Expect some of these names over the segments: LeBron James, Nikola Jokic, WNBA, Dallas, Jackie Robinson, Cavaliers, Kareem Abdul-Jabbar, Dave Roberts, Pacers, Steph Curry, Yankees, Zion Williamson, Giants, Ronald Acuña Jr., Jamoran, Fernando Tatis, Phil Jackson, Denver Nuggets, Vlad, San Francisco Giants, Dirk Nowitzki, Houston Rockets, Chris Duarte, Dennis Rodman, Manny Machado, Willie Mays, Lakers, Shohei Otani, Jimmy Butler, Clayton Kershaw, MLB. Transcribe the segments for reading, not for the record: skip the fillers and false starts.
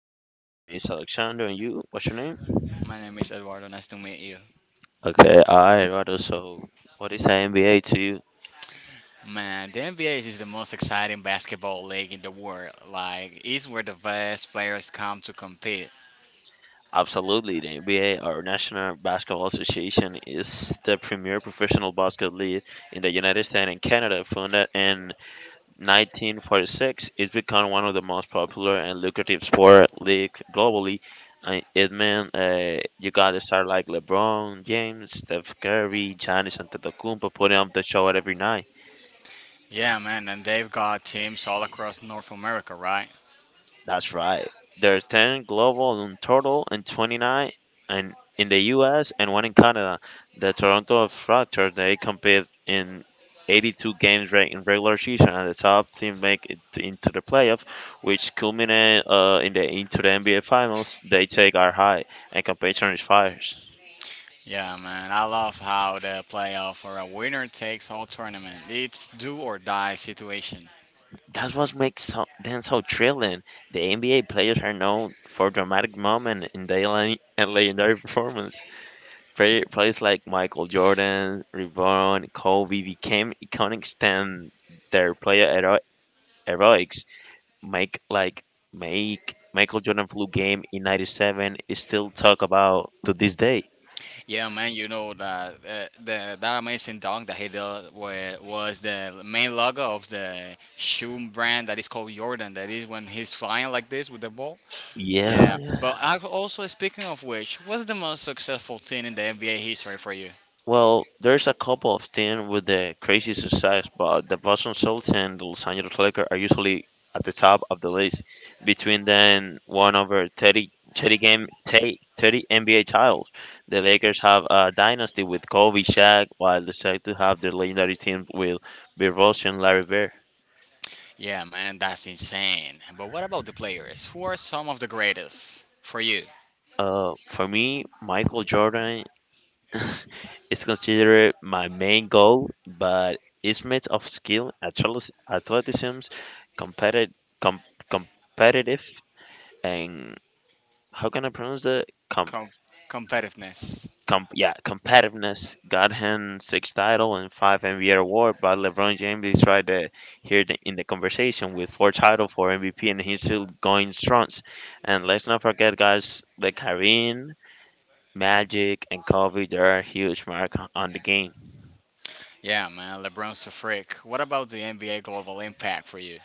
Hello, my name is Alexander, and you? What's your name? My name is Eduardo. Nice to meet you. Okay. I Eduardo. So, what is the NBA to you? Man, the NBA is the most exciting basketball league in the world. Like, it's where the best players come to compete. Absolutely, the NBA, our National Basketball Association, is the premier professional basketball league in the United States and Canada. Founded in 1946, it's become one of the most popular and lucrative sport league globally. And it meant you got to start like LeBron James, Steph Curry, Giannis Antetokounmpo putting up the show at every night. Yeah, man, and they've got teams all across North America, right? That's right. There are 10 global in total and 29 and in the US and one in Canada. The Toronto Raptors, they compete in 82 games in regular season and the top team make it into the playoff, which culminate in the into the NBA finals. They take our high and competition is fierce. Yeah, man, I love how the playoff for a winner takes all tournament. It's do or die situation. That's what makes so, them so thrilling. The NBA players are known for dramatic moments in their le- and legendary performance. Players like Michael Jordan, LeBron, Kobe became iconic stem their heroics. Make like make Michael Jordan flu game in '97 is still talked about to this day. Yeah, man, you know that amazing dog that he did was the main logo of the shoe brand that is called Jordan. That is when he's flying like this with the ball. Yeah, Yeah, yeah. but I also speaking of which, what's the most successful team in the NBA history for you? Well, there's a couple of things with the crazy success, but the Boston Celtics and the Los Angeles Lakers are usually at the top of the list. Between them, one over thirty game, 30, NBA titles. The Lakers have a dynasty with Kobe, Shaq, while the Celtics have the legendary team with Bill Russell and Larry Bird. Yeah, man, that's insane. But what about the players? Who are some of the greatest for you? For me, Michael Jordan it's considered my main goal, but it's made of skill, athleticism, competitive, com- competitive, and how can I pronounce that? Com- Com- Competitiveness. Yeah, competitiveness. Got him six title and five MVP award, but LeBron James is right there here the, in the conversation with four title, four MVP, and he's still going strong. And let's not forget, guys, the Kareem, Magic, and Kobe. They are huge mark on the game. Yeah, man, LeBron's a freak. What about the NBA global impact for you?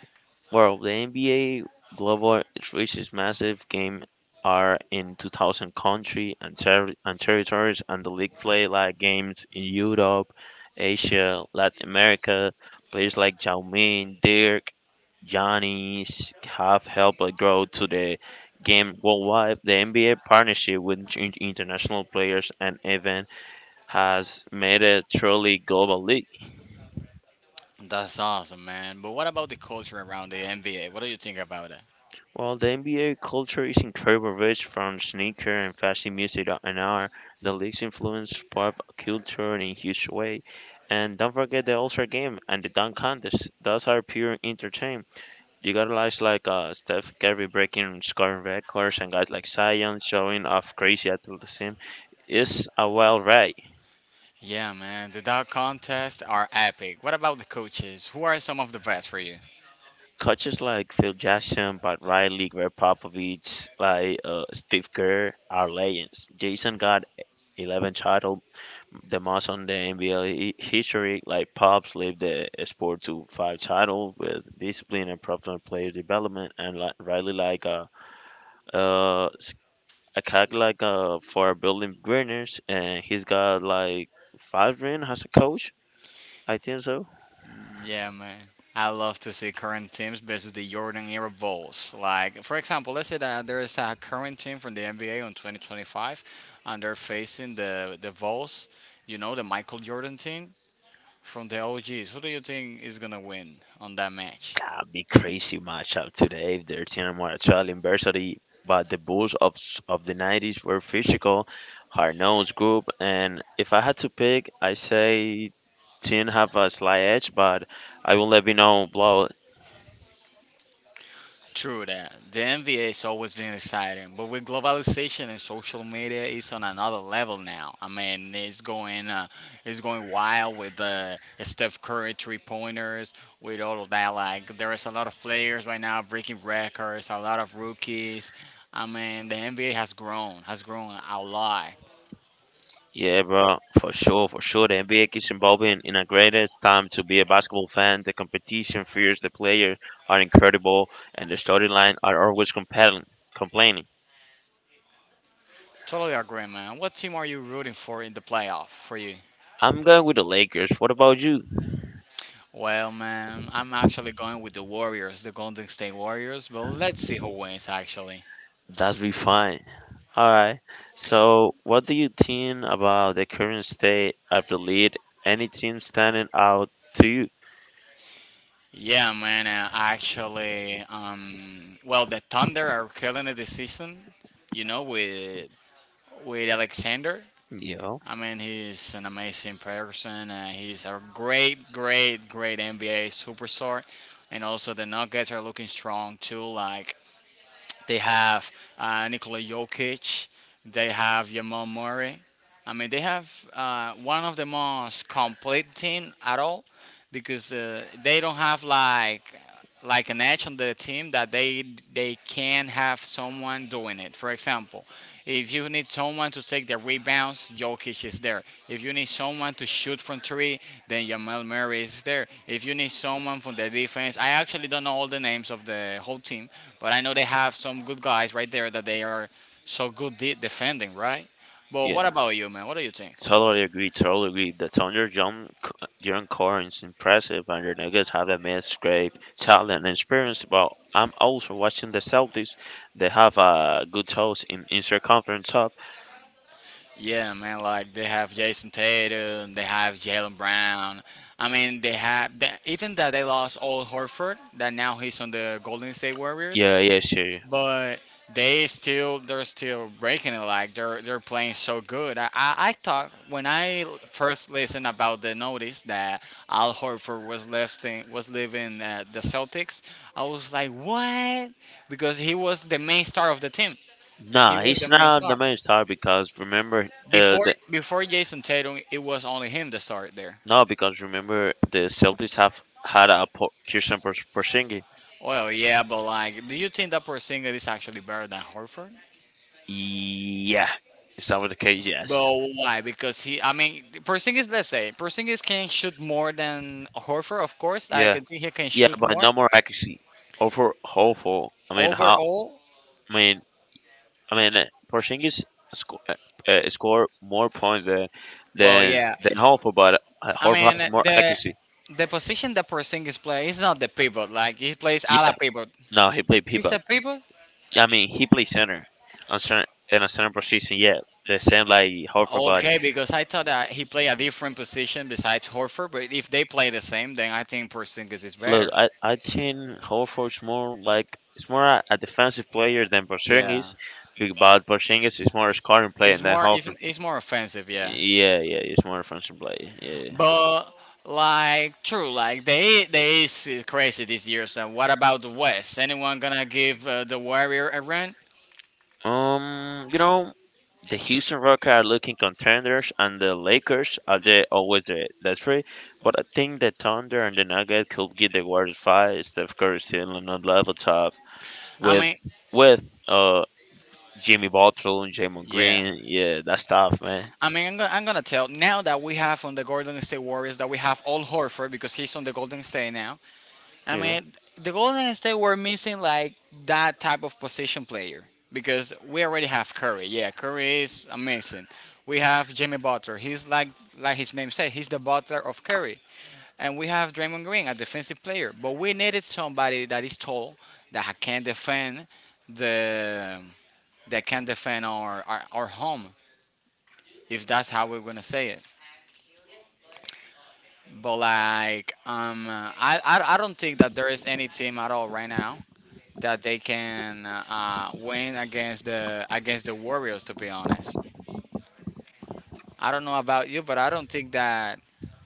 Well, the NBA global reach is massive. Game are in 2,000 country and, territories, and the league play like games in Europe, Asia, Latin America. Players like Yao Ming, Dirk, Giannis have helped it grow to the game worldwide. The NBA partnership with international players and event has made a truly global league. That's awesome, man. But what about the culture around the NBA? What do you think about it? Well, the NBA culture is incredibly rich from sneaker and fashion music and art. The league's influence pop culture in a huge way. And don't forget the All-Star Game and the dunk contest. Those are pure entertainment. You got guys like Steph Curry breaking scoring records and guys like Zion showing off crazy athleticism. It's a wild ride. Yeah, man, the dunk contests are epic. What about the coaches? Who are some of the best for you? Coaches like Phil Jackson, Bud Riley, Greg Popovich, like Steve Kerr are legends. Jason got 11 title the most on the NBA history. Like Pops led the sport to five titles with discipline and proper player development, and like, Riley like uh, s- a cock like for building winners, and he's got like five rings as a coach. I think so. Yeah, man. I love to see current teams versus the Jordan era Bulls. Like, for example, let's say that there is a current team from the NBA on 2025, and they're facing the Bulls. You know, the Michael Jordan team from the OGs. Who do you think is gonna win on that match? That'd be crazy matchup today if there's any more Australian varsity. But the Bulls of the '90s were physical, hard-nosed group, and if I had to pick, I say team have a slight edge, but I will let you know, bro. True that. The NBA has always been exciting, but with globalization and social media, it's on another level now. I mean, it's going wild with the Steph Curry three pointers, with all of that. Like there is a lot of players right now breaking records, a lot of rookies. I mean, the NBA has grown a lot. Yeah, bro, for sure, for sure. The NBA keeps evolving in a greatest time to be a basketball fan. The competition fierce, the players are incredible, and the storyline are always compelling. Complaining. Totally agree, man. What team are you rooting for in the playoff for you? I'm going with the Lakers. What about you? Well, man, I'm actually going with the Warriors, the Golden State Warriors, but let's see who wins, actually. That's be fine. All right. So, what do you think about the current state of the league? Any team standing out to you? Yeah, man. Well, the Thunder are killing it this season. You know, with Alexander. Yeah. I mean, he's an amazing person. He's a great, great, great NBA superstar. And also, the Nuggets are looking strong too. Like they have Nikola Jokic. They have Jamal Murray. I mean, they have one of the most complete team at all because they don't have like an edge on the team that they can have someone doing it. For example, if you need someone to take the rebounds, Jokic is there. If you need someone to shoot from three, then Jamal Murray is there. If you need someone from the defense, I actually don't know all the names of the whole team, but I know they have some good guys right there that they are so good defending, right? But what about you, man? What do you think? Totally agree. Totally agree. The Thunder John John Corrin is impressive, and the Nuggets have a mixed great talent and experience. But I'm also watching the Celtics. They have a good host in Eastern Conference top. Yeah, man. Like they have Jason Tatum, they have Jalen Brown. I mean, they have, even that they lost Old Horford, that now he's on the Golden State Warriors. Yeah, yeah, sure. But they're still breaking it like they're playing so good. I thought when I first listened about the notice that Al Horford was leaving the Celtics, I was like what? Because he was the main star of the team. He Nah, was he's the main not star. the main star because remember, Before the before Jason Tatum, it was only him the star there. no, because remember the Celtics have had a Pearson Porzingis. Well, yeah, but like, do you think that Porzingis is actually better than Horford? Yeah, is that what the case? Yes. But why? Because he, I mean, Porzingis. Let's say Porzingis can shoot more than Horford. Of course, I Yeah, can think he can yeah, shoot but more no more accuracy. Over hopeful. I mean, how? overall. I mean, I mean, Porzingis sco- uh, scored more points Well, than yeah. than Horford, but I Horford mean, has more the accuracy. the position that Porzingis play is not the pivot. Like he plays a la Yeah, pivot. no, he played He's pivot. a pivot. I mean, he played center on center in a center position. Yeah, the same like Horford, but Okay, because I thought that he played a different position besides Horford. But if they play the same, then I think Porzingis is look, better. I think Horford's more like it's more a defensive player than Porzingis, Yeah. But Porzingis is more a scoring player It's than more it's, Horford. it's more offensive, yeah. Yeah, yeah, he's more a defensive player. Yeah. But like true, like they is crazy this year. So what about the West? Anyone gonna give the Warrior a run? Um, you know, the Houston Rockets are looking contenders, and the Lakers are the, always the three. But I think the Thunder and the Nuggets could give the Warriors five. Steph Curry still on a level top I with mean, with Jimmy Butler and Jamon yeah. Green. Yeah, that's tough, man. I mean, I'm gonna tell now that we have on the Golden State Warriors that we have all Horford because he's on the Golden State now. I Yeah, mean, the Golden State were missing like that type of position player because we already have Curry. Yeah, Curry is amazing. We have Jimmy Butler. He's like his name said, he's the Butler of Curry. And we have Draymond Green, a defensive player. But we needed somebody that is tall, that can defend the that can defend our home if that's how we're gonna say it. But like, I don't think that there is any team at all right now that they can win against the Warriors. To be honest, I don't know about you, but I don't think that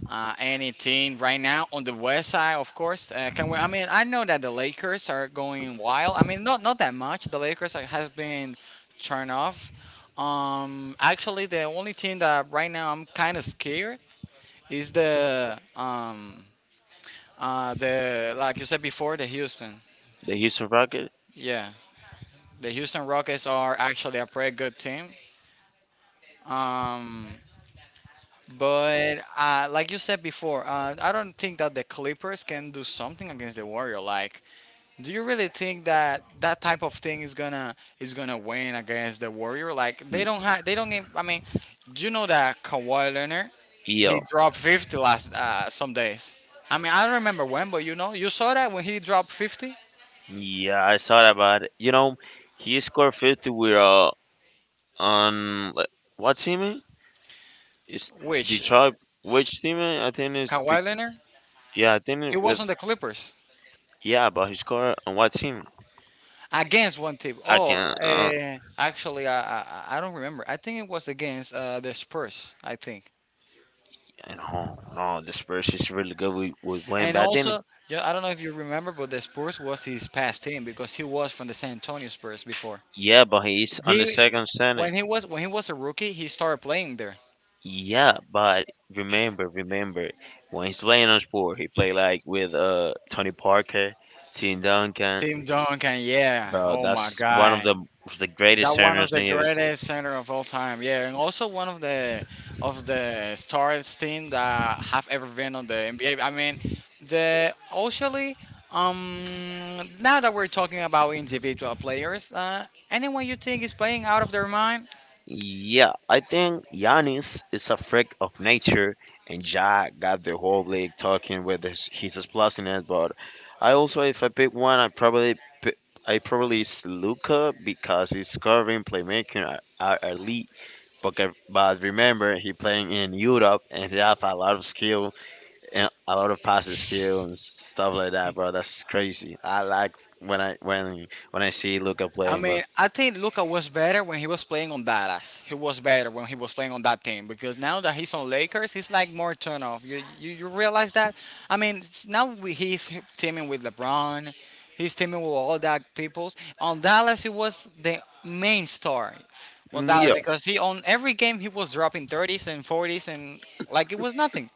any team right now on the West side, of course, can win. I mean, I know that the Lakers are going wild. I mean, not that much. The Lakers has been turned off. Actually, the only team that right now I'm kind of scared is the like you said before the Houston. the Houston Rockets. Yeah, the Houston Rockets are actually a pretty good team. Um, but like you said before, I don't think that the Clippers can do something against the Warrior. Like, do you really think that that type of thing is gonna win against the Warrior? Like, mm, they don't have they don't. Get- I mean, do you know that Kawhi Leonard Yeah, he dropped 50 last some days. I mean, I don't remember when, but you know, you saw that when he dropped 50, yeah, I saw that, but you know, he scored 50 with on like, what team? It's which Detroit. Which team? I think it's the, Kawhi Leonard yeah, I think he it- was with... on the Clippers. Yeah, but he scored on what team? Against one team. I Oh, can. Uh, actually, I don't remember. I think it was against the Spurs. I think, and oh no, the Spurs is really good with Wayne and Batten. also, yeah, I don't know if you remember, but the Spurs was his past team because he was from the San Antonio Spurs before. Yeah, but he's on the He, second center. when he was a rookie, he started playing there. Yeah, but remember when he's playing on sport, he played like with Tony Parker, Tim Duncan. Team Duncan, yeah. Bro, Oh my that's one of God, the of the greatest that one of centers the in the... greatest center of all time, yeah, and also one of the stars team that have ever been on the NBA. I mean, the actually, um, now that we're talking about individual players, anyone you think is playing out of their mind Yeah, I think Giannis is a freak of nature, and Ja got the whole league talking with his explosiness. But I also, if I pick one, I probably pi- it's Luca because he's scoring, playmaking, are elite. But but remember, he playing in Europe and he have a lot of skill and a lot of passing skill and stuff like that, bro. That's crazy. I like when I see Luca I playing, mean, bro. I think Luca was better when he was playing on Dallas. He was better when he was playing on that team because now that he's on Lakers, he's like more turn off. You realize that? I mean, he's teaming with LeBron, he's teaming with all that peoples. On Dallas, he was the main star on Dallas Yeah, because he on every game he was dropping 30s and 40s and like it was nothing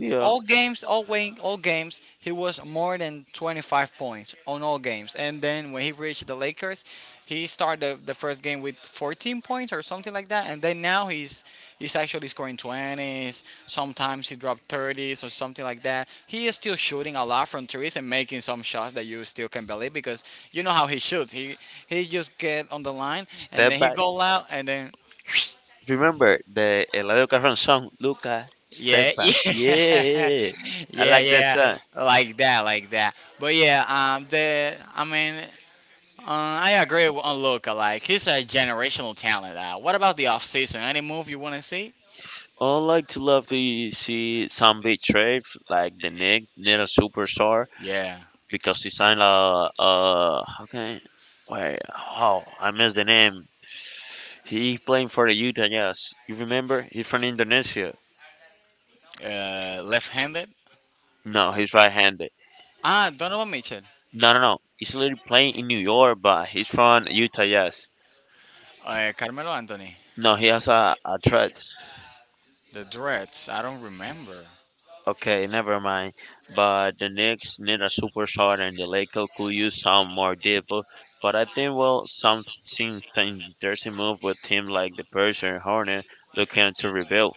yeah. all games, all win, all games, he was more than 25 points on all games. And then when he reached the Lakers, first game with 14 points or something like that. And then now he's actually scoring 20s. Sometimes he dropped 30s or something like that. He is still shooting a lot from threes and making some shots that you still can believe because you know how he shoots. He just get on the line and then Step he back. go out and then Remember the Eladio Carrión song, Luca, Yeah, Stepa, yeah, yeah, I yeah, like that yeah, song. like that, like that. But yeah, the I mean, I agree on Luca. Like he's a generational talent. What about the off season? Any move you want to see? I like to love to see some big betrayed, like the Nick, little superstar, Yeah, because he signed a, how can, wait, oh, I missed the name. He playing for the Utah Jazz. You remember? He's from Indonesia. Left-handed. No, he's right-handed. Ah, Donovan Mitchell, No, no, no. He's literally playing in New York, but he's from Utah Jazz. Carmelo Anthony, No, he has a threat. the Dreads. I don't remember. Okay, never mind. But the Knicks need a superstar, and the Lakers could use some more depth. But I think well, something interesting move with team like the Persian Hornet looking to rebuild.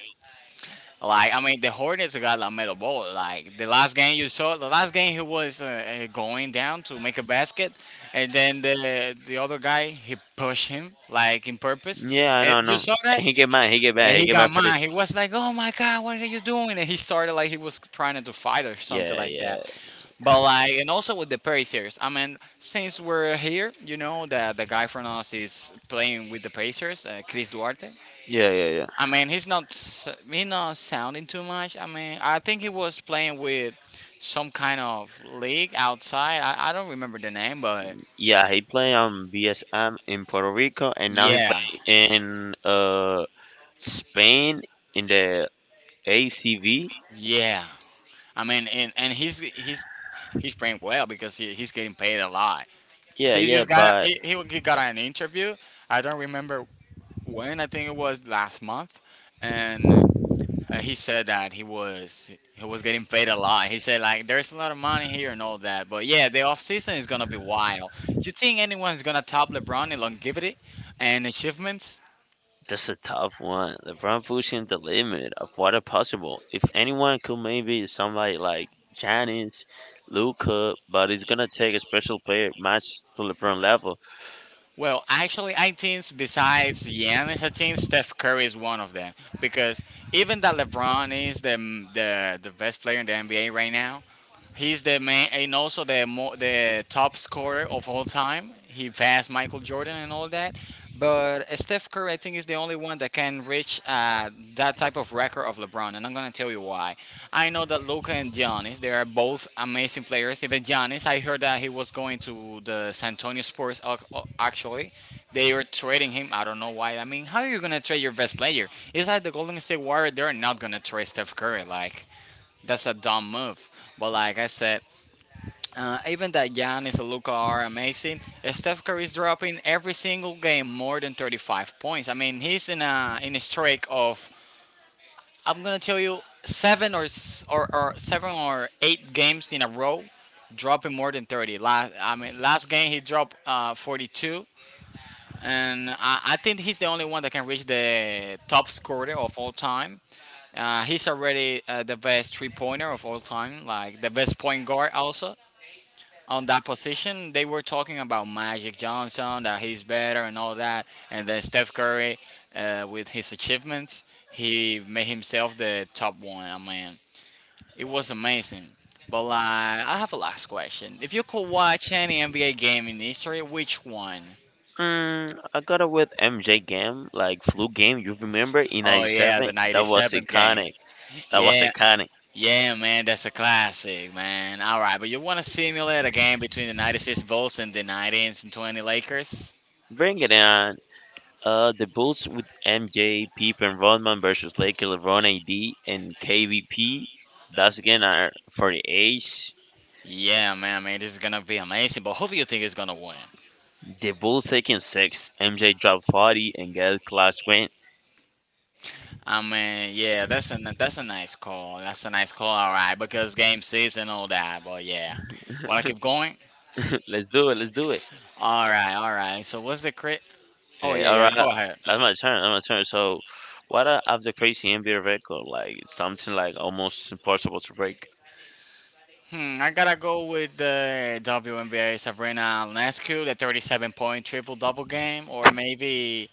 Like I mean, the Hornets got LaMelo Ball. Like the last game you saw, the last game he was going down to make a basket, and then the other guy he pushed him like in purpose. Yeah, I know, And I you know. saw that, and He he get mad got for this. mad. He was like, "Oh my God, what are you doing?" And he started like he was trying to fight or something Yeah, like yeah, that. But like, and also with the Pacers, I mean, since we're here, you know that the guy from us is playing with the Pacers, Chris Duarte. yeah, yeah, yeah. I mean, he's not sounding too much. I mean, I think he was playing with some kind of league outside. I don't remember the name, but Yeah, he play on BSM in Puerto Rico, and now he yeah, play in Spain in the ACV. yeah. I mean, and he's he's playing well because he's getting paid a lot. Yeah, He yeah, just got a- but... he got an interview. I don't remember when. I think it was last month, and he said that he was getting paid a lot. He said like there's a lot of money here and all that. But yeah, the off season is gonna be wild. You think anyone's gonna top LeBron in longevity and achievements? That's a tough one. LeBron pushing the limit of what are possible. If anyone could maybe somebody like Giannis, Luca, but it's gonna take a special player match to LeBron level. Well, actually, I think besides Giannis, I think Steph Curry is one of them because even that LeBron is the best player in the NBA right now. He's the main and also the top scorer of all time. He passed Michael Jordan and all that. But Steph Curry, I think, is the only one that can reach that type of record of LeBron, and I'm gonna tell you why. I know that Luka and Giannis, they are both amazing players. Even Giannis, I heard that he was going to the San Antonio Spurs. Actually, they were trading him. I don't know why. I mean, how are you gonna trade your best player? It's like the Golden State Warriors. They're not gonna trade Steph Curry. Like that's a dumb move. But like I said, even that Giannis and Luka are amazing. Steph Curry is dropping every single game more than 35 points. I mean, he's in a streak of I'm gonna tell you seven or s- or seven or eight games in a row, dropping more than 30. Last game he dropped 42. And I think he's the only one that can reach the top scorer of all time. He's already the best three pointer of all time, like the best point guard also on that position. They were talking about Magic Johnson that he's better and all that, and then Steph Curry with his achievements, he made himself the top one. I mean, it was amazing. But like, I have a last question. If you could watch any NBA game in history, which one? Mm, I gotta with MJ game, like flu game. You remember in Oh yeah, the '97? That was 97th game. iconic. That was Yeah. iconic. Yeah, man, that's a classic, man. All right, but you want to simulate a game between the 96 Bulls and the 1920 Lakers? Bring it on. The Bulls with MJ, Pippen, Rodman versus Lakers, LeBron, AD, and KVP. That's again our for the age. Yeah, man, I mean, this is going to be amazing, but who do you think is going to win? They both taking six. MJ dropped 40 and Gal clutch win. I mean, yeah, that's a nice call. That's a nice call, all right, because game six and all that, but yeah. Want to keep going? Let's do it. Let's do it. All right, all right. So what's the crit? Oh, Okay, yeah, all yeah, right. go ahead. That's my turn. That's my turn. So, what of the crazy NBA record? Like something like almost impossible to break. Hmm, I got to go with the WNBA Sabrina Lescu, the 37-point triple-double game, or maybe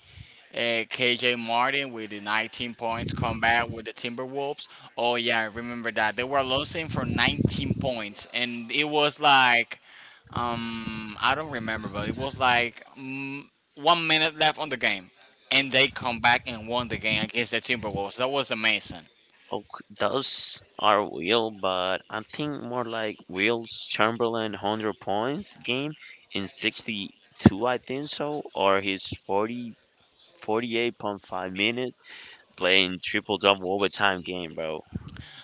KJ Martin with the 19 points come back with the Timberwolves. Oh yeah, I remember that. They were losing for 19 points and it was like I don't remember, but it was like 1 minute left on the game and they come back and won the game against the Timberwolves. That was amazing. Oh, does our wheel, but I think more like Will's Chamberlain 100 points game in 62. I think so, or his 40-8.5 minutes playing triple double overtime game, bro.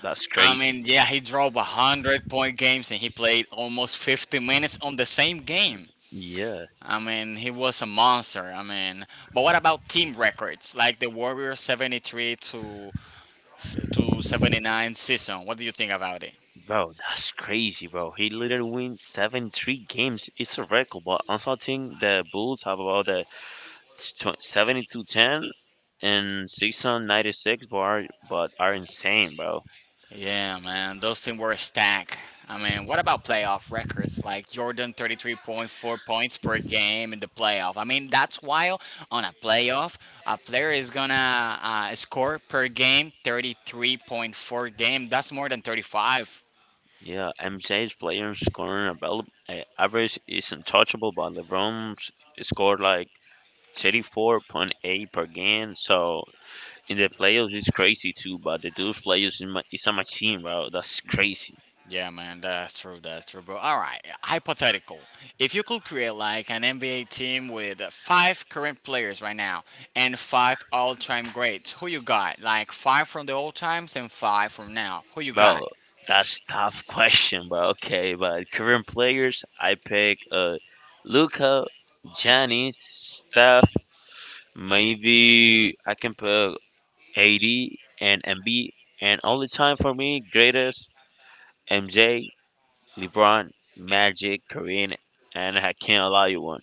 That's crazy. Yeah, he drove 100 point games and he played almost 50 minutes on the same game. Yeah. I mean, he was a monster. I mean, but what about team records like the Warriors 73 to 79 season? What do you think about it? Bro, that's crazy, bro. He literally win 73 games. It's a record, but I'm talking the Bulls have about the tw- to ten and six on 96, bar, but are insane, bro. Yeah, man, those teams were stacked. I mean, what about playoff records like Jordan 33.4 points per game in the playoff? I mean, that's wild. On a playoff, a player is gonna score per game 33.4 game. That's more than 35. Yeah, MJ's players scoring about average is untouchable, but LeBron scored like 30 4.8 per game. So in the playoffs, it's crazy too. But the dude's players is a machine, bro. That's crazy. Yeah, man, that's true. That's true, bro. All right, hypothetical. If you could create like an NBA team with five current players right now and five all-time greats, who you got? Like five from the old times and five from now. Who you got? Bro, that's tough question, bro. Okay, but current players, I pick Luca, Giannis, Steph. Maybe I can put AD and MB. And all the time for me, greatest MJ, LeBron, Magic, Kareem, and I can't allow you one.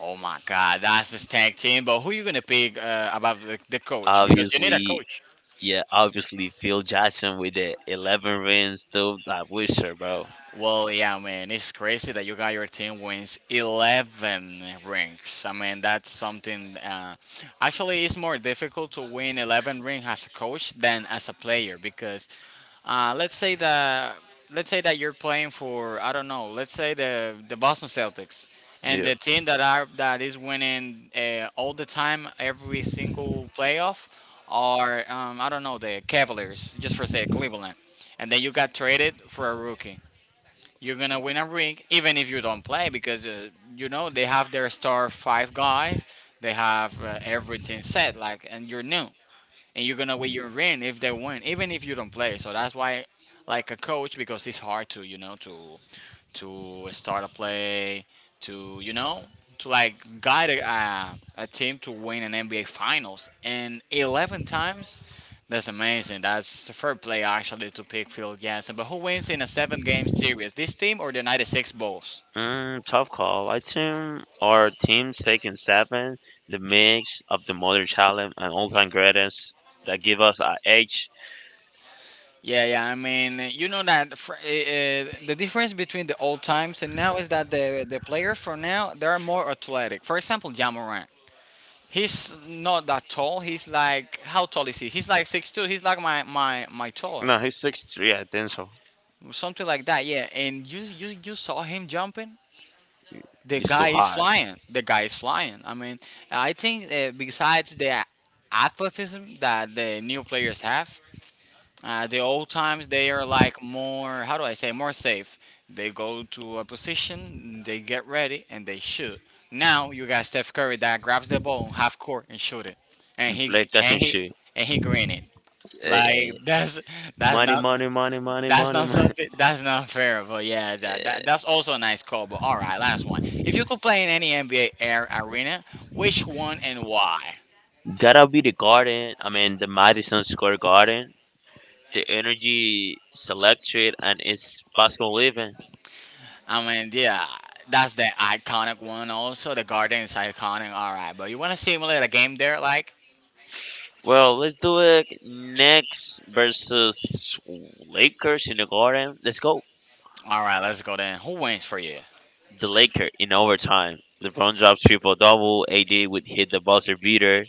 Oh my God, that's the tag team. But who you gonna pick about the coach? Because you need a Obviously, coach. yeah, obviously Phil Jackson with the 11 rings, dude, that wizard, bro. Well, yeah, man, it's crazy that you got your team wins 11 rings. I mean, that's something. Actually, it's more difficult to win 11 rings as a coach than as a player because uh, let's say that let's say that you're playing for I don't know, let's say the Boston Celtics and Yeah. the team that is winning all the time every single playoff are I don't know, the Cavaliers just for say Cleveland, and then you got traded for a rookie. You're gonna win a ring even if you don't play because you know they have their star five guys. They have everything set, like, and you're new, and you're gonna win your ring if they win, even if you don't play. So that's why, like a coach, because it's hard to you know to start a play, to you know, to like guide a team to win an NBA Finals, and 11 times. That's amazing. That's a fair play actually to pick Phil Jackson. But who wins in a seven-game series? This team or the '96 Bulls? Mm, tough call. I think our team's taking seven, the mix of the modern talent and all-time greatness that give us our edge. Yeah, yeah. I mean, you know that the difference between the old times and now is that the players for now they are more athletic. For example, Jamoran. He's not that tall. He's like how tall is he? He's like 6'2". He's like my taller, No, he's 63, I think so. something like that. Yeah. And you saw him jumping. The It's too guy is hard. flying. The guy is flying. I mean, I think besides the athleticism that the new players have, the old times they are like more, how do I say, more safe. They go to a position, they get ready, and they shoot. Now you got Steph Curry that grabs the ball in half court and shoot it, and He he Play catch and and he shoot. and he green it. Eh, Like eh. that's that's Money, not money, money, money, that's money, not money. something, that's not fair. But yeah, Eh, that's also a nice call. But all right, last one. If you could play in any NBA air arena, which one and why? gotta be the garden. I mean, the Madison Square Garden. The energy is electric and it's possible living. I mean, yeah, that's the iconic one. Also, the garden is iconic. All right, but you want to simulate a game there, like? Well, let's do it next versus Lakers in the garden. Let's go. All right, let's go then. Who wins for you? The Lakers in overtime. LeBron dropped triple double. AD would hit the buzzer beater.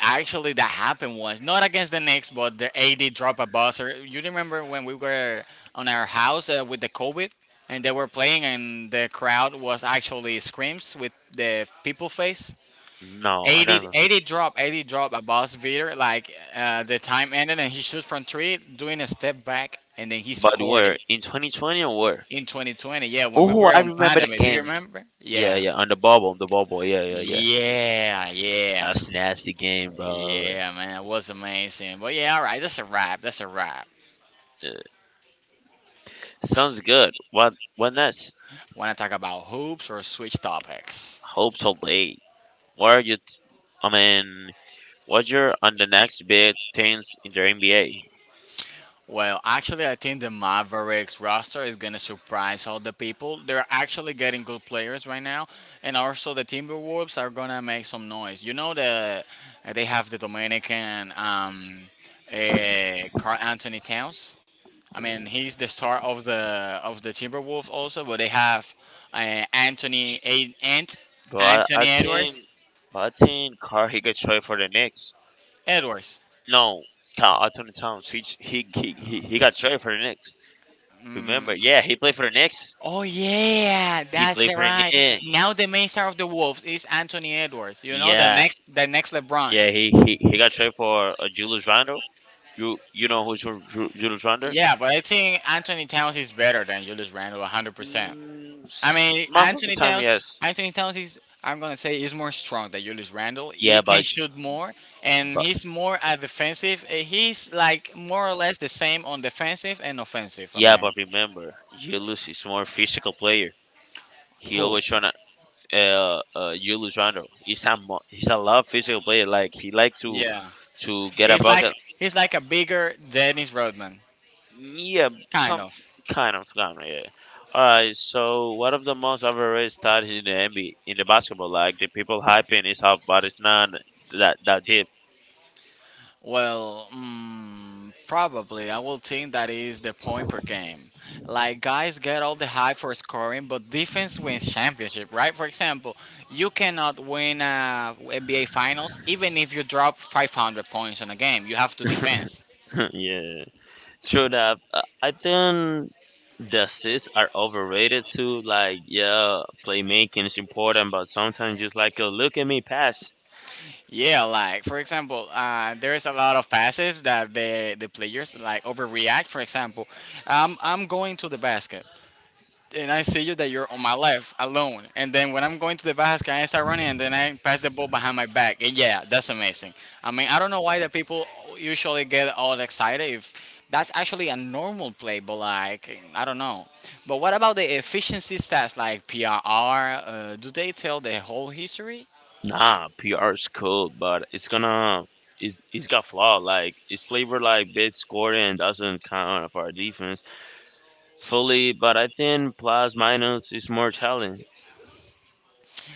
Actually, that happened once, not against the Knicks, but the AD dropped a buzzer. You remember when we were on our house with the COVID, and they were playing, and the crowd was actually screams with the people face. No, I 80, don't know. 80 drop, 80 drop a boss beater, like the time ended and he shoots from three, doing a step back, and then he But scored it where in 2020 or where? in 2020. Yeah, when we Oh, were I on remember that pandemic. Do you game. remember? Yeah, Yeah. yeah, on the bubble, the bubble. Yeah, yeah, yeah. Yeah, yeah. That's a nasty game, bro. Yeah, man. It was amazing. But yeah, all right. That's a wrap. That's a wrap. Yeah. Sounds good. What? What next? Want to talk about hoops or switch topics? Hope to late. What are you? I mean, what you're on the next big things in the NBA? Well, actually, I think the Mavericks roster is going to surprise all the people. They're actually getting good players right now, and also the Timberwolves are going to make some noise. You know, the they have the Dominican Carl Anthony Towns. I mean, he's the star of the Timberwolves also, but they have Anthony A- Ant But I, I Anthony think, but I think Carr he could trade for the Knicks. Edwards. No, Tom, Anthony Towns. He got traded for the Knicks. Mm. Remember? Yeah, he played for the Knicks. Oh yeah, He that's played the for the right. Knicks. Now the main star of the Wolves is Anthony Edwards. You know, the Yeah, next LeBron. yeah. He got traded for Julius Randle. You know who's Julius Randle? Yeah, but I think Anthony Towns is better than Julius Randle 100%. Mm, I s- mean, most of the time, yes. Anthony Towns is, I'm going to say, is more strong than Julius Randle. He Yeah, can but shoot more and but he's more at defensive. He's like more or less the same on defensive and offensive, I yeah, but mean. remember, Julius is more physical player. He Who? always trying to Julius Randle. He's a lot of physical player. Like he like to Yeah. Get a He's like, bucket. he's like a bigger Dennis Rodman, Yeah, kind some of. Kind of yeah. Alright, so one of the most overrated stars in the NBA in the basketball, like the people hyping is up, but it's not that deep. Well, probably I will think that is the point per game. Like guys get all the hype for scoring, but defense wins championship, right? For example, you cannot win NBA Finals even if you drop 500 points in a game. You have to defense. yeah, true that. I think the assists are overrated too. Like yeah, playmaking is important, but sometimes just like a look at me pass. Yeah, like for example, there is a lot of passes that the players like overreact. For example, I'm going to the basket, and I see you that you're on my left alone. And then when I'm going to the basket, I start running, and then I pass the ball behind my back. And yeah, that's amazing. I mean, I don't know why the people usually get all excited if that's actually a normal play, but like I don't know. But what about the efficiency stats like PRR? Do they tell the whole history? Nah, PR is cool, but it's got flaw. Like it's labor like big scoring doesn't count for our defense fully, but I think plus minus is more talent.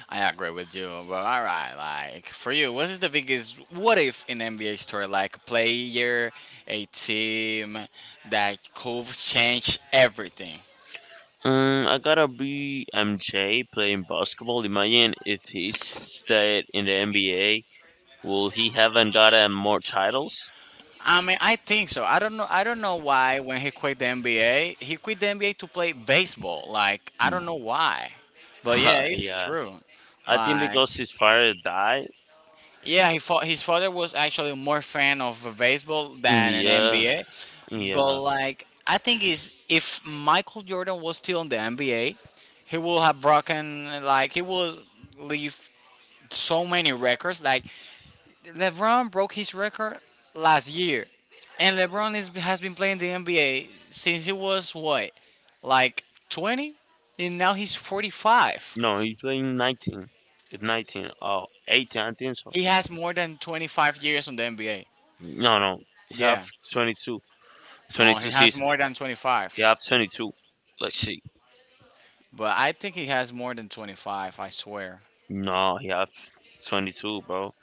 I agree with you, but all right, like for you, what is the biggest what if in NBA story? Like a player, a team that could change everything. I gotta be MJ playing basketball. Imagine if he stayed in the NBA, will he haven't gotten more titles? I mean, I think so. I don't know. I don't know why when he quit the NBA, he quit the NBA to play baseball. Like I Mm. don't know why, but yeah, it's yeah, true. I think Like, because his father died. yeah, he fought, his father was actually more fan of baseball than an Yeah, NBA. yeah. But like, I think is if Michael Jordan was still in the NBA, he will have broken like he will leave so many records. Like LeBron broke his record last year, and has been playing the NBA since he was what, like 20, and now he's 45. No, he's playing 19. It's 19. Oh, 18. I think so. He has more than 25 years on the NBA. No, no. He have Yeah. 22. No, he 22 has season. more than 25. He have 22. Let's see. But I think he has more than 25, I swear. No, he have 22, bro.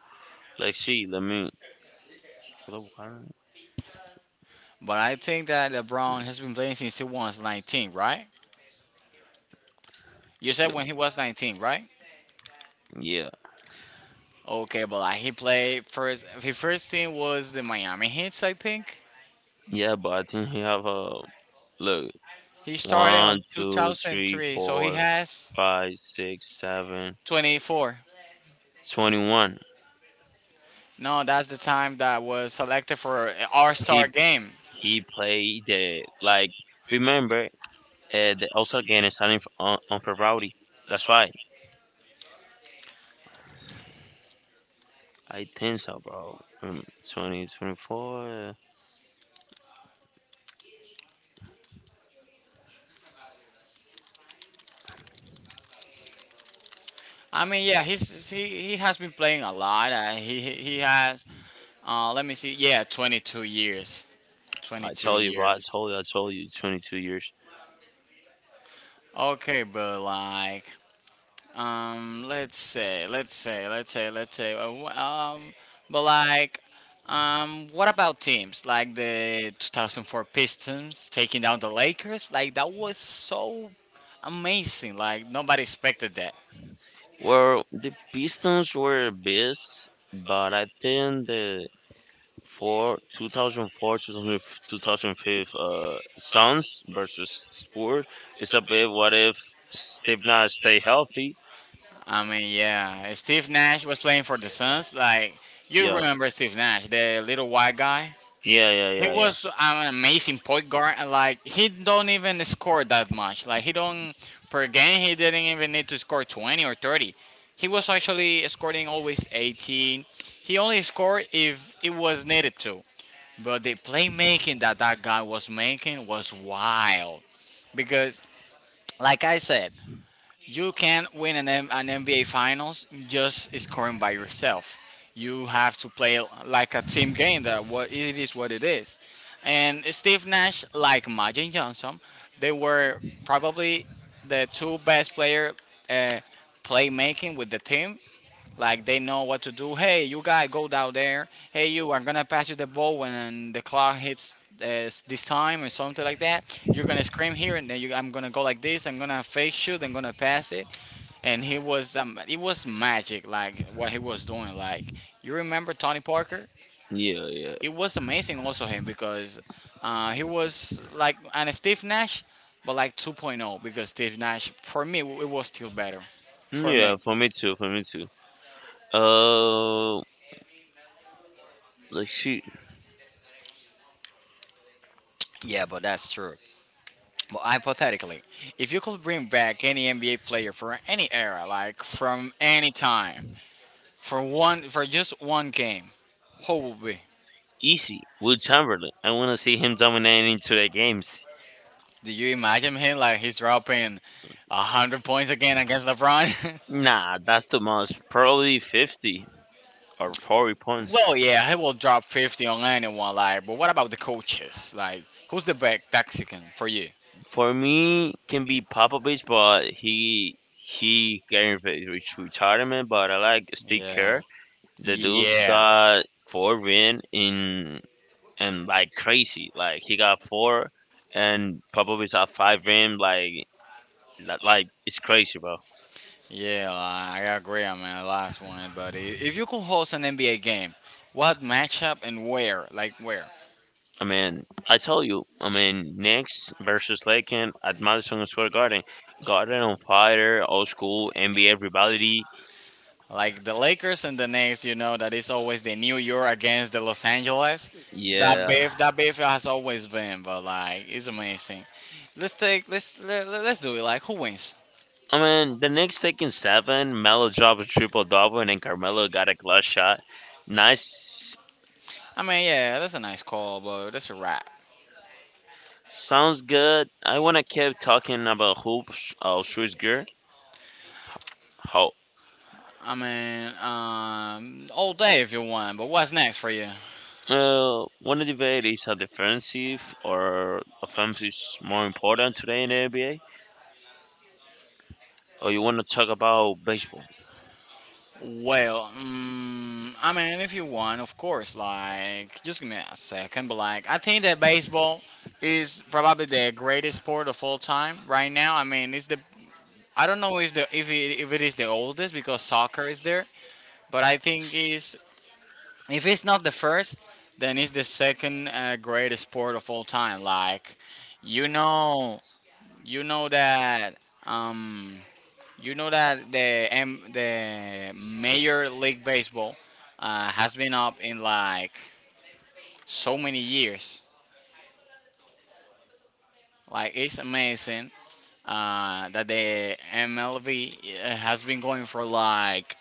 Like, see, let me. Hello, Karen? But I think that LeBron has been playing since he was 19, right? You said when he was 19, right? Yeah, Okay, but like he played first. His first team was the Miami Heat, I think. yeah, but I think he have a look. He started on One, two, three, 2003, so he four, has five, six, seven, 24. 21. No, that's the time that was selected for All Star He game. he played the like. Remember, the also again starting on Ferrari. That's right. I think so, bro. 20, 24. I mean, yeah, he has been playing a lot. He has let me see. Yeah, 22 years. I 22 totally, told you, bro. Years. I told you, 22 years. Years. Okay, but like, let's say, let's say, let's say, let's say, wh- but like, what about teams like the 2004 Pistons taking down the Lakers? Like that was so amazing. Like nobody expected that. Well, the Pistons were best, but I think the for 2004, thousand four, two thousand five, Suns versus Spurs. It's a bit what if Steve Nash stay healthy? I mean, yeah, Steve Nash was playing for the Suns. Like you Yeah, remember Steve Nash, the little white guy. yeah, yeah, He yeah, was an amazing point guard, and like he don't even score that much. Like he don't per game, he didn't even need to score 20 or 30. He was actually scoring always 18. He only scored if it was needed to. But the playmaking that guy was making was wild because, like I said, you can not win an, an NBA Finals just scoring by yourself. You have to play like a team game. That what it is, what it is. And Steve Nash, like Magic Johnson, they were probably the two best player uh, playmaking with the team like they know what to do. Hey, you guys, go down there. Hey, you, I'm gonna pass you the ball when the clock hits this time or something like that. You're gonna scream here, and then you, I'm gonna go like this. I'm gonna fake shoot. I'm gonna pass it. And he was, it was magic. Like what he was doing. Like you remember Tony Parker? yeah, yeah, It was amazing. Also him because he was like and Steve Nash, but like 2.0 because Steve Nash for me it was still better yeah, for yeah. me. For me too. For me too. Uh, let's see. Yeah, but that's true. Well, hypothetically, if you could bring back any NBA player for any era, like from any time, for just one game, who would be? Easy. Will Chamberlain. I want to see him dominating today games. Do you imagine him like he's dropping 100 points again against LeBron? Nah, that's the most. Probably 50 or 40 points. Well, yeah, he will drop 50 on anyone. Like, but what about the coaches? Like, who's the best Mexican for you? For me, can be Popovich, but he getting reach retirement. But I like Steve Yeah. Kerr. The dude's Yeah. got four win in and like crazy. Like he got four, and Popovich got five win. Like like it's crazy, bro. Yeah, like, I agree on my last one, buddy. If you could host an NBA game, what matchup and where? Like where? I mean, I tell you, I mean, Knicks versus Lakers at Madison Square Garden, Garden on Fire, old school NBA rivalry. Like the Lakers and the Knicks, you know that it's always the New York against the Los Angeles. That Yeah, beef, that beef has always been, but like it's amazing. Let's take, let's do it. Like who wins? I mean, the Knicks taking seven. Melo dropped a triple double, and then Carmelo got a clutch shot. Nice. I mean, yeah, that's a nice call, but that's a wrap. Sounds good. I want to keep talking about hoops. Schwitzger. How? I mean, all day if you want, but what's next for you? Want to debate is how defensive or offensive is more important today in the NBA, or you want to talk about baseball? Well, I mean, if you want, of course, like, just give me a second, but like, I think that baseball is probably the greatest sport of all time right now. I mean, it's the I don't know if the if it is the oldest because soccer is there, but I think is if it's not the first, then it's the second greatest sport of all time. Like, you know, you know that um, you know that the Major League Baseball has been up in like so many years. Like, it's amazing that the MLB has been going for like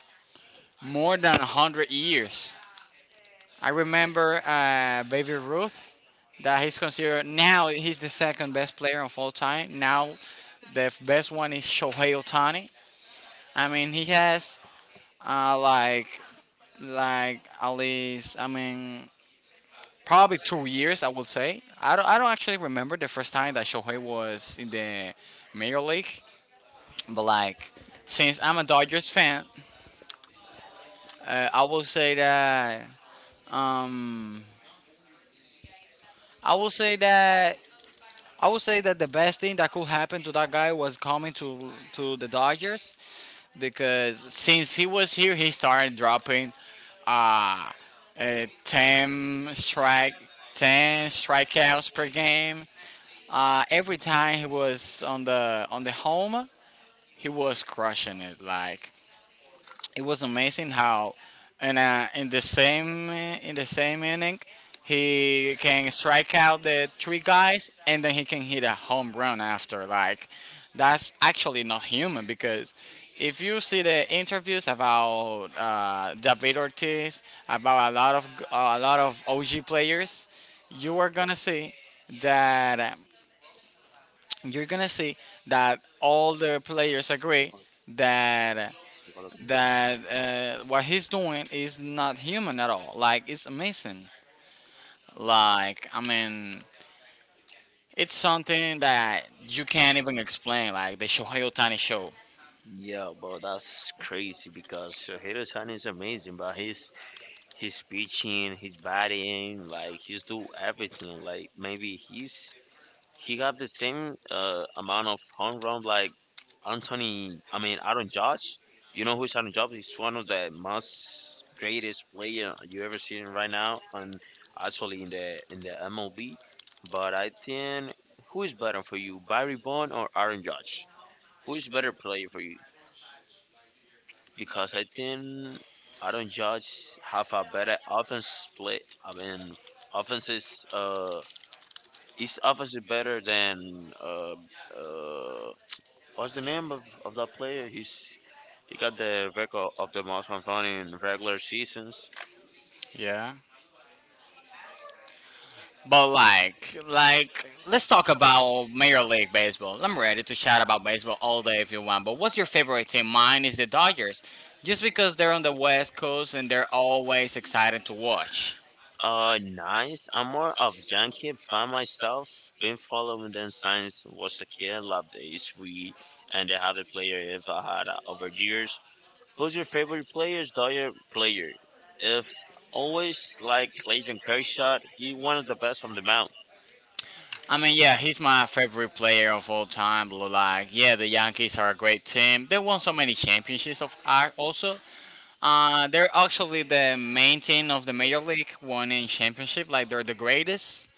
more than 100 years. I remember Baby Ruth that he's considered now he's the second best player of all time. Now the best one is Shohei Otani. I mean he has uh, like at least I mean probably 2 years I would say. I don't actually remember the first time that Shohei was in the major league, but like since I'm a Dodgers fan, I will say that um I will say that I would say that the best thing that could happen to that guy was coming to the Dodgers because since he was here, he started dropping uh, uh, 10 strike 10 strikeouts per game. Every time he was on the home, he was crushing it. Like it was amazing how in the same inning he can strike out the three guys and then he can hit a home run after like that's actually not human because if you see the interviews about David Ortiz about a lot of a lot of OG players you are gonna see that you're gonna see that all the players agree that that what he's doing is not human at all. Like it's amazing. Like I mean, it's something that you can't even explain. Like the Shohei Otani show. Yeah, bro, that's crazy because Shohei Ohtani is amazing, but he's his speeching, his bodying, like he's do everything. Like maybe he got the same amount of home run like Anthony. I mean Aaron Judge. You know who's Aaron Judge? He's one of the most greatest player you ever seen right now, and actually in the MLB. But I think who is better for you, Barry Bond or Aaron Judge? Who is better player for you? Because I think I don't judge have a better offense split. I mean, offenses. Uh, each offense is better than uh, what's the name of that player? He got the record of the most home run in regular seasons. Yeah. But like let's talk about Major League Baseball. I'm ready to chat about baseball all day if you want. But what's your favorite team? Mine is the Dodgers, just because they're on the West Coast and they're always exciting to watch. Nice. I'm more of Yankee fan myself. Been following them since was a kid. Love the each week, and they have the player if I had over years. Who's your favorite player? Dyer player. If always like Clayton Kershaw, he one of the best on the mound. I mean, yeah, he's my favorite player of all time. Like, yeah, the Yankees are a great team. They won so many championships. Of also, they're actually the main team of the major league, winning championship. Like, they're the greatest.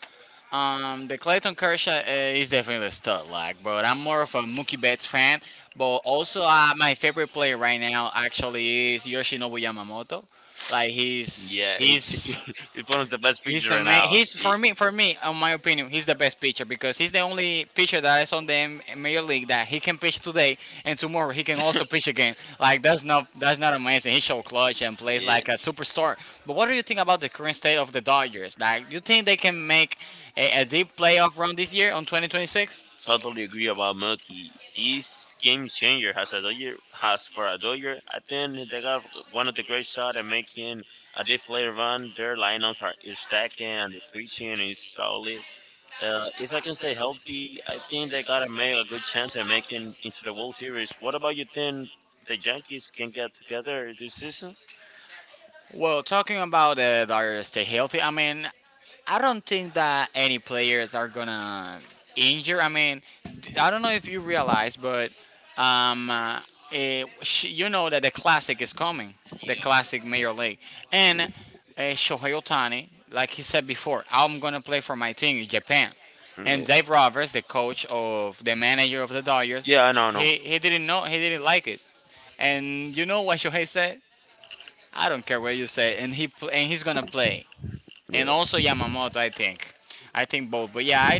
The Clayton Kershaw is definitely a stud. Like, but I'm more of a Mookie Betts fan. But also, my favorite player right now actually is Yoshinobu Yamamoto. Like he's Yeah, he's, he's one of the best pitchers he's a right man now. now. He's for me on my opinion he's the best pitcher because he's the only pitcher that is on the major league that he can pitch today and tomorrow he can also pitch again. Like that's not amazing. He show clutch and plays Yeah, like a superstar. But what do you think about the current state of the Dodgers? Like you think they can make a deep playoff run this year on 2026? totally agree about Mookie. He's game changer has a Dodger, has for a Dodger. I think they got one of the great shot at making a diff later on. Their lineups are is stacking and the preaching is solid. If I can stay healthy, I think they gotta make a good chance at making into the World Series. What about you? Think the Yankees can get together this season? Well, talking about the Dodgers stay healthy, I mean, I don't think that any players are gonna injure. I mean, I don't know if you realize, but um, uh, eh, sh you know that the classic is coming, the classic Major League, and Shohei Otani, like he said before, I'm gonna play for my team in Japan. And Mm, Dave Roberts, the coach of the manager of the Dodgers, Yeah, I know. He didn't know he didn't like it. And you know what Shohei said? I don't care what you say, and and he's gonna play and Yeah. also Yamamoto. I think both. But yeah, I,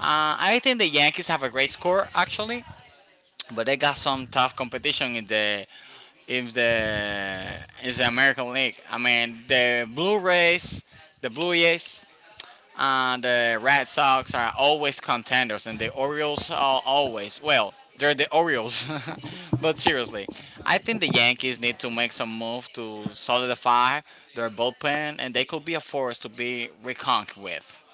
uh, I think the Yankees have a great score actually, but they got some tough competition in the in the American League. I mean, the Blue Rays, the Blue Jays, the Red Sox are always contenders, and the Orioles are always well. They're the Orioles, but seriously, I think the Yankees need to make some move to solidify their bullpen, and they could be a force to be reckoned with.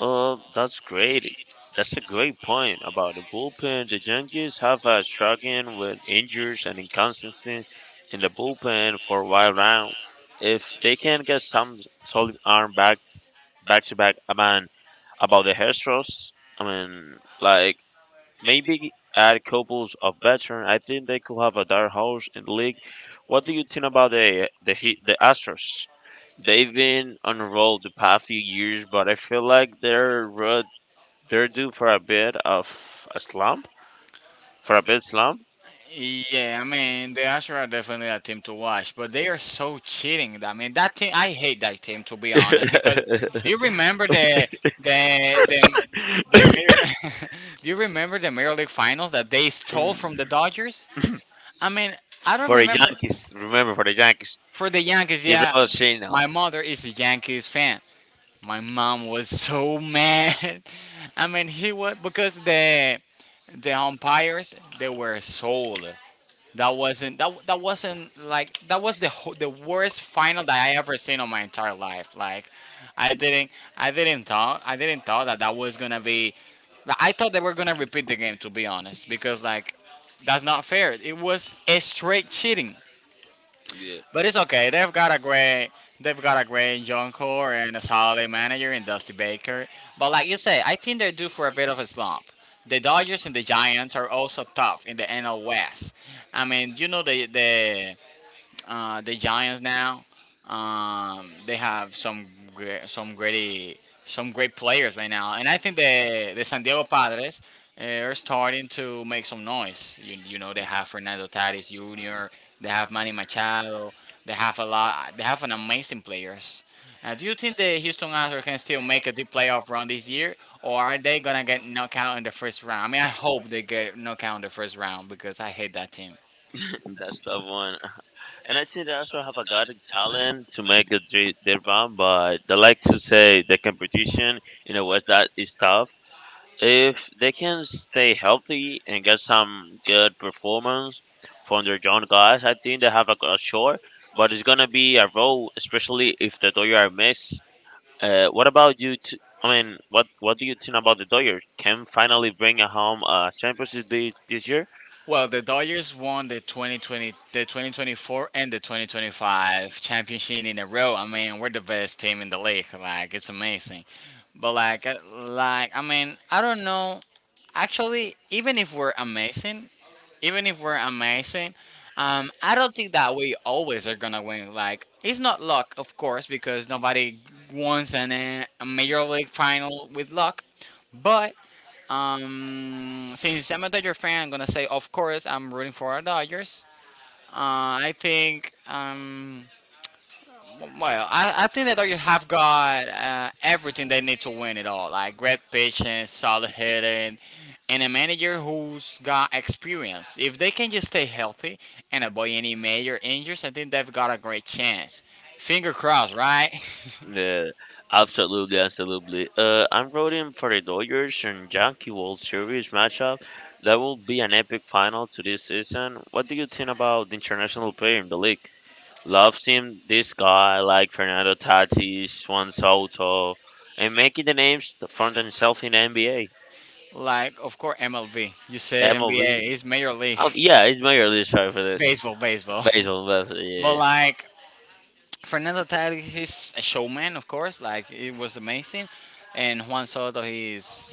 That's great. That's a great point about the bullpen. The Yankees have struggling with injuries and inconsistency in the bullpen for a while now. If they can get some solid arm back, back to back. I mean, about the hairstyles. I mean, like maybe add couples of veteran. I think they could have a dark horse in the league. What do you think about the the Astros? They've been on a roll the past few years, but I feel like they're due for a bit of a slump, for a bit slump. Yeah, I mean the Asher are definitely a team to watch, but they are so cheating. I mean that team, I hate that team to be honest. Because that do team, you remember the the the mirror? Do you remember the Mirror League Finals that they stole from the Mm. Dodgers? I mean, I don't For the remember Yankees, remember for the Yankees, for the Yankees. he Yeah, brought Chino. my mother is a Yankees fan. My mom was so mad. I mean, he was because the umpires they were sold. That wasn't like that was the the worst final that I ever seen on my entire life. Like I didn't I didn't thought that that was gonna be. Like, I thought they were gonna repeat the game to be honest because like that's not fair. It was a straight cheating. Yeah, But it's okay. They've got a great John Core and a solid manager in Dusty Baker. But like you say, I think they're due for a bit of a slump. The Dodgers and the Giants are also tough in the NL West. I mean, you know the Giants now. They have gre- some great some great players right now, and I think the San Diego Padres are starting to make some noise. You know they have Fernando Tatis Jr. They have Manny Machado. They have a lot. They have an amazing players. Do you think the Houston Astros can still make a deep playoff run this year, or are they gonna get knocked out in the first round? I mean, I hope they get knocked out in the first round because I hate that team. that's the one. And I think they also have a god talent to make a their bomb, but they like to say the competition in a way that is tough. If they can stay healthy and get some good performance from their young guys, I think they have a short. But it's gonna be a road, especially if the Dodgers miss. What about you? T- I mean, what do you think about the Dodgers? Can finally bring home a championship this year? Well, the Dodgers won the 2020, the 2024 and the 2025 championship in a row. I mean, we're the best team in the league. Like, it's amazing. But like I mean, I don't know. Actually, even if we're amazing, I don't think that we always are gonna win. Like, it's not luck, of course, because nobody wants an, a major league final with luck. But since I'm a Dodger fan, I'm gonna say, of course, I'm rooting for our Dodgers. I think, well, I think the Dodgers have got everything they need to win it all, like great pitching, solid hitting, and a manager who's got experience. If they can just stay healthy and avoid any major injuries, I think they've got a great chance. Finger crossed, right? Uh, absolutely, absolutely. I'm rooting for the Dodgers and Yankee World Series matchup. That will be an epic final to this season. What do you think about the international player in the league? Loves him, this guy like Fernando Tatis, Juan Soto, and making the names from themselves in NBA, Like, of course, MLB. You said NBA. MLB. It's Major League Yeah, it's my earliest choice for this. baseball, baseball. Basil, Basil, But yeah, like, Fernando Tatis is a showman, of course. Like it was amazing, and Juan Soto, he's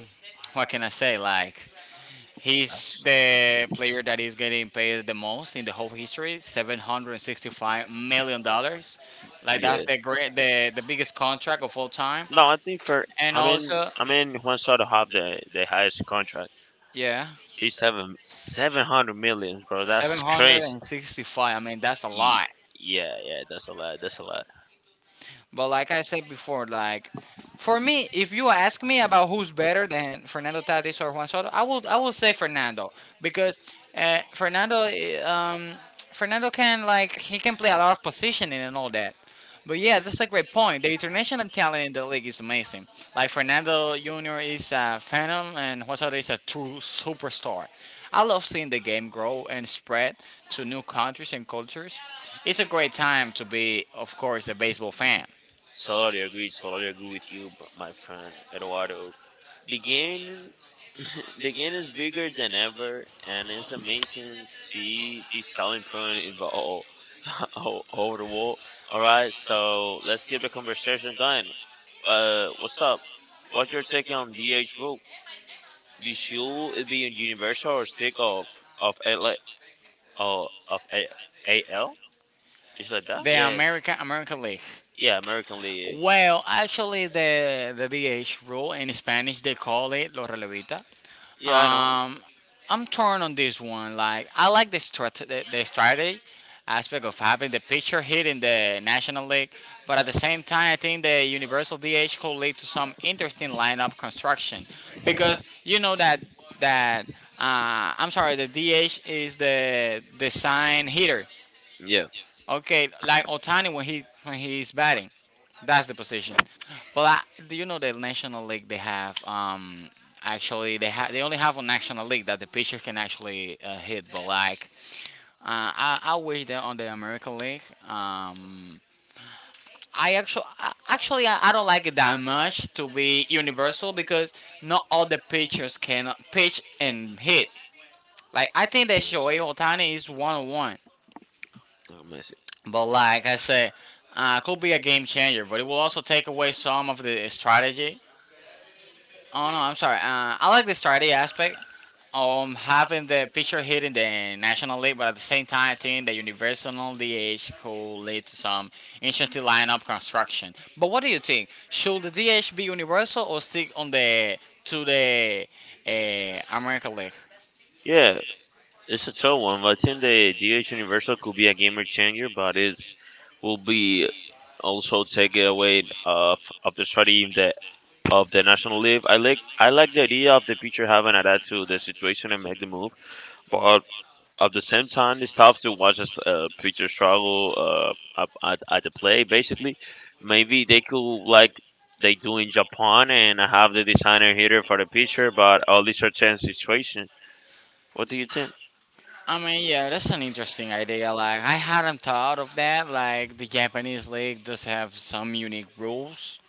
what can I say? Like that's he's the player that is getting paid the most in the whole history, $765 million. Like that's good. the great, the biggest contract of all time, No, I think for and also I mean Juan Soto have the highest contract. yeah, He's seven seven hundred million, bro. That's hundred crazy. and sixty-five. I mean that's a Ye- lot. Yeah, yeah, that's a lot. That's a lot. But like I said before, like for me, if you ask me about who's better than Fernando Tatis or Juan Soto, I will say Fernando because uh, Fernando eh, um, Fernando can like he can play a lot of positioning and all that. But yeah, that's a great point. The international talent in the league is amazing. Like Fernando Jr. is a phenom, and Juan Soto is a true superstar. I love seeing the game grow and spread to new countries and cultures. It's a great time to be, of course, a baseball fan. Totally agree. Totally agree with you, my friend Eduardo. The game, the game is bigger than ever, and it's amazing to see the selling point evolve over the wall. All right, so let's keep the conversation going. What's up? What's your take on DH rule? The should it be a universal or stick of a like uh, of A, AL? It's like that? The Yeah, American League. yeah, American League. League. Well, actually, the DH rule in Spanish they call it los relevita. Yeah, I know. Um, I'm torn on this one. Like, I like the strategy aspect of having the pitcher hit in the National League, but at the same time, I think the universal DH could lead to some interesting lineup construction because you know that I'm sorry, the DH is the sign hitter. Yeah. Okay, like Otani when he when he's batting, that's the position. But I, do you know the National League they have? Actually, they only have on National League that the pitcher can actually hit. But like, I wish that on the American League. Um, I actually actually I don't like it that much to be universal because not all the pitchers can pitch and hit. Like I think that Shohei Otani is one on one. Oh, Messi. But like I say, could be a game changer, but it will also take away some of the strategy. Oh no, I'm sorry. I like the strategy aspect having the picture hit in the national league, but at the same time, I think the universal DH could lead to some interesting lineup construction. But what do you think? Should the DH be universal or stick on the to the American League? Yeah, it's a tough one. But I think the DH Universal could be a gamer changer, but it's will be also take it away of the strategy of the national league. I like the idea of the pitcher having adapt to the situation and make the move, but at the same time, it's tough to watch a pitcher struggle up at the play. Basically, maybe they could like they do in Japan and have the designer hitter for the pitcher, but all these are chance situation. What do you think? I mean, yeah, that's an interesting idea. Like, I hadn't thought of that. Like, the Japanese league does have some unique rules,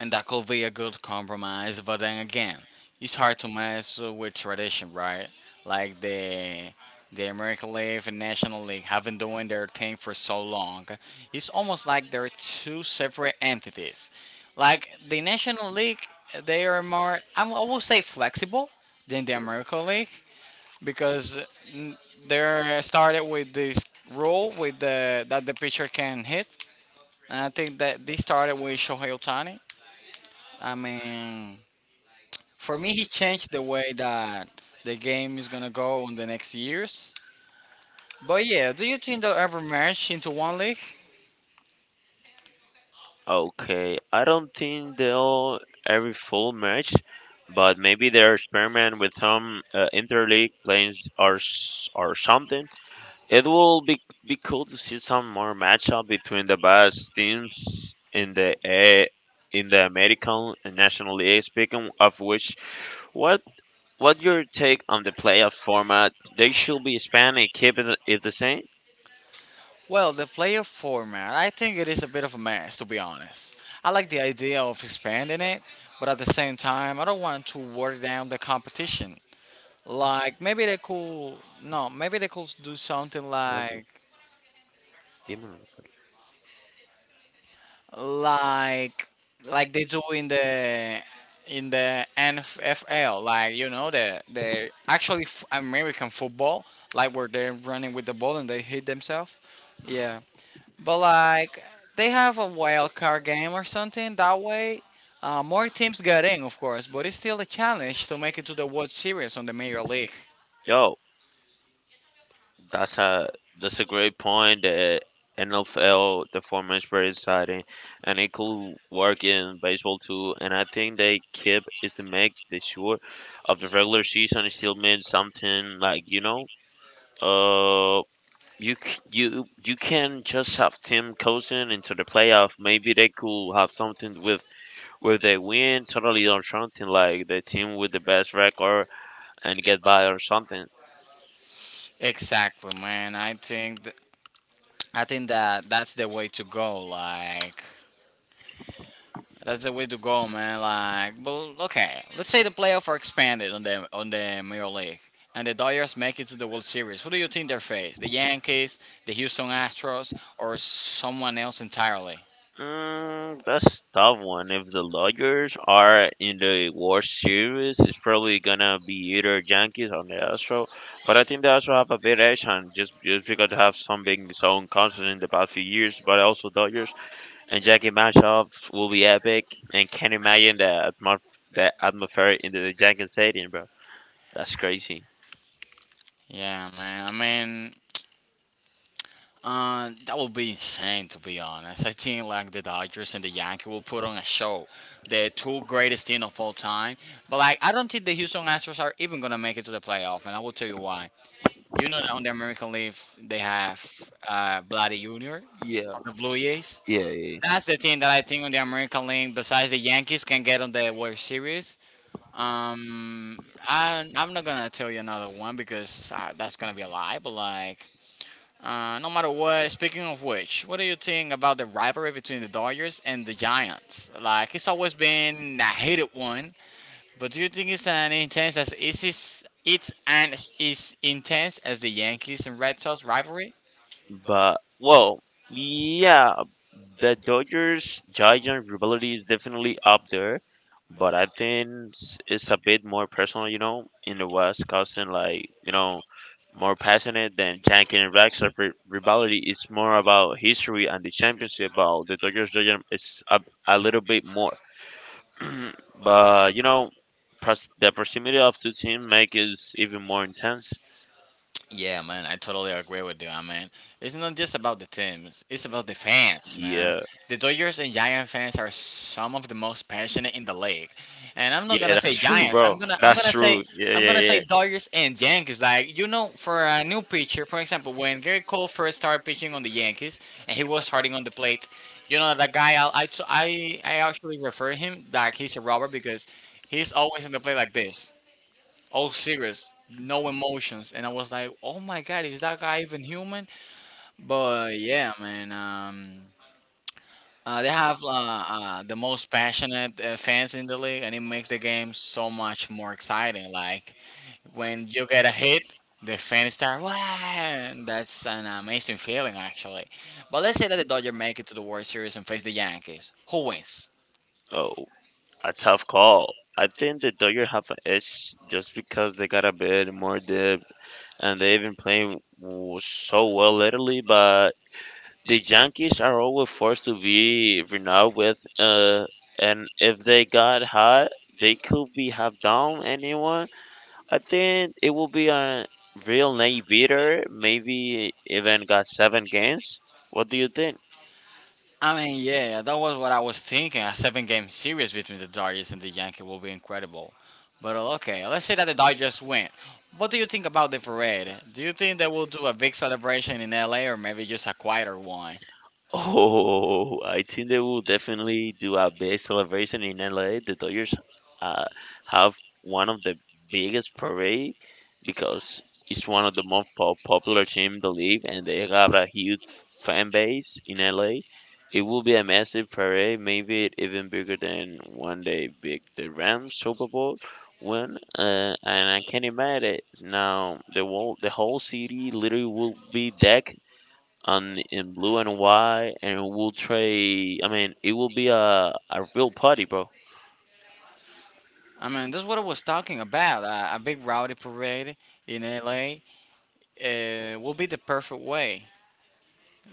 and that could be a good compromise. But then again, it's hard to mess with tradition, right? Like the American League and National League have been doing their thing for so long. It's almost like they're two separate entities. Like the National League, they are more I will say flexible than the American League, because n- they started with this rule with the that the pitcher can hit, and I think that this started with Shohei Otani. I mean, for me, he changed the way that the game is gonna go in the next years. But yeah, do you think they'll ever merge into one league? Okay, I don't think they'll every full match, but maybe they're experiment with some interleague plays or or something. It will be cool to see some more matchup between the best teams in the A in the American and National League. Speaking of which, what what your take on the playoff format? They should be expanding, keep it it the same. Well, the playoff format, I think it is a bit of a mess, to be honest. I like the idea of expanding it, but at the same time, I don't want to water down the competition. Like maybe they could no, maybe they could do something like like they do in the NFL, like you know the actually American football, like where they're running with the ball and they hit themselves. Yeah, but like they have a wild card game or something that way. More teams get in, of course, but it's still a challenge to make it to the World Series on the Major League. Yo. That's a that's a great point. The NFL, the format is very exciting, and it could work in baseball too. And I think they keep is to make the sure of the regular season it still means something like you know, uh, you you you can just have Tim coaching into the playoff. Maybe they could have something with where they win totally or something like the team with the best record and get by or something. Exactly, man. I think that that's the way to go. That's the way to go, man. Like, well, okay. Let's say the playoffs are expanded on the Major League, and the Dodgers make it to the World Series. Who do you think they face? The Yankees, the Houston Astros, or someone else entirely? Mm, that's tough one. If the Dodgers are in the World Series, it's probably gonna be either Yankees or the Astros. But I think the Astros have a bit edge, and just because they have some big own constant in the past few years. But also Dodgers and Yankee matchups will be epic, and can't imagine the atmos the atmosphere in the Yankee Stadium, bro. That's crazy. Yeah, man. I mean, that would be insane to be honest. I think like the Dodgers and the Yankees will put on a show, the two greatest team of all time. But like, I don't think the Houston Astros are even gonna make it to the playoff, and I will tell you why. You know that on the American League they have Bloody Junior Yeah, on the Blue Jays. yeah, yeah. That's the team that I think on the American League, besides the Yankees, can get on the World Series. I'm not gonna tell you another one because that's gonna be a lie. But like, no matter what. Speaking of which, what do you think about the rivalry between the Dodgers and the Giants? Like, it's always been a hated one but do you think it's an intense as is it's and is intense as the Yankees and Red Sox rivalry? But well, yeah, the Dodgers Giant rivalry is definitely up there, but I think it's a bit more personal, you know, in the West, causing like you know more passionate than Yankee and rivalry. It's more about history and the championship. About the Dodgers Giant, it's a little bit more, but you know, the proximity of two teams make it even more intense. Yeah, man, I totally agree with you. I mean, it's not just about the teams; it's about the fans, man. Yeah. The Dodgers and Giant fans are some of the most passionate in the league, and I'm not Yeah, gonna say that's true, Giants. Bro. That's true. Yeah, I'm yeah, gonna say yeah. Dodgers and Yankees. Like you know, for a new pitcher, for example, when Gary Cole first started pitching on the Yankees and he was starting on the plate, you know that guy. I actually refer him like he's a robber because he's always in the plate like this all serious, no emotions, and I was like, "Oh my God, is that guy even human?" But yeah, man, they have the most passionate fans in the league, and it makes the game so much more exciting. Like when you get a hit, the fans start wow, and that's an amazing feeling actually. But let's say that the Dodgers make it to the World Series and face the Yankees. Who wins? Oh, a tough call. I think the Dodgers have an edge just because they got a bit more depth and they've been playing so well lately. But the Yankees are always forced to be renowned with, and if they got hot, they could be have down anyone. I think it will be a real night beater. Maybe even got seven games. What do you think? I mean, yeah, that was what I was thinking. A seven game series between the Dodgers and the Yankees will be incredible. But okay, let's say that the Dodgers win. What do you think about the parade? Do you think they will do a big celebration in LA or maybe just a quieter one? Oh, I think they will definitely do a big celebration in LA. The Dodgers uh, have one of the biggest parade because it's one of the most popular team in the league, and they have a huge fan base in LA. It will be a massive parade, maybe even bigger than one day big the Rams Super Bowl win. And I can imagine now the whole city literally will be decked on in blue and white, and we'll trade. I mean, it will be a real party, bro. I mean, that's what I was talking about. A big rowdy parade in LA will be the perfect way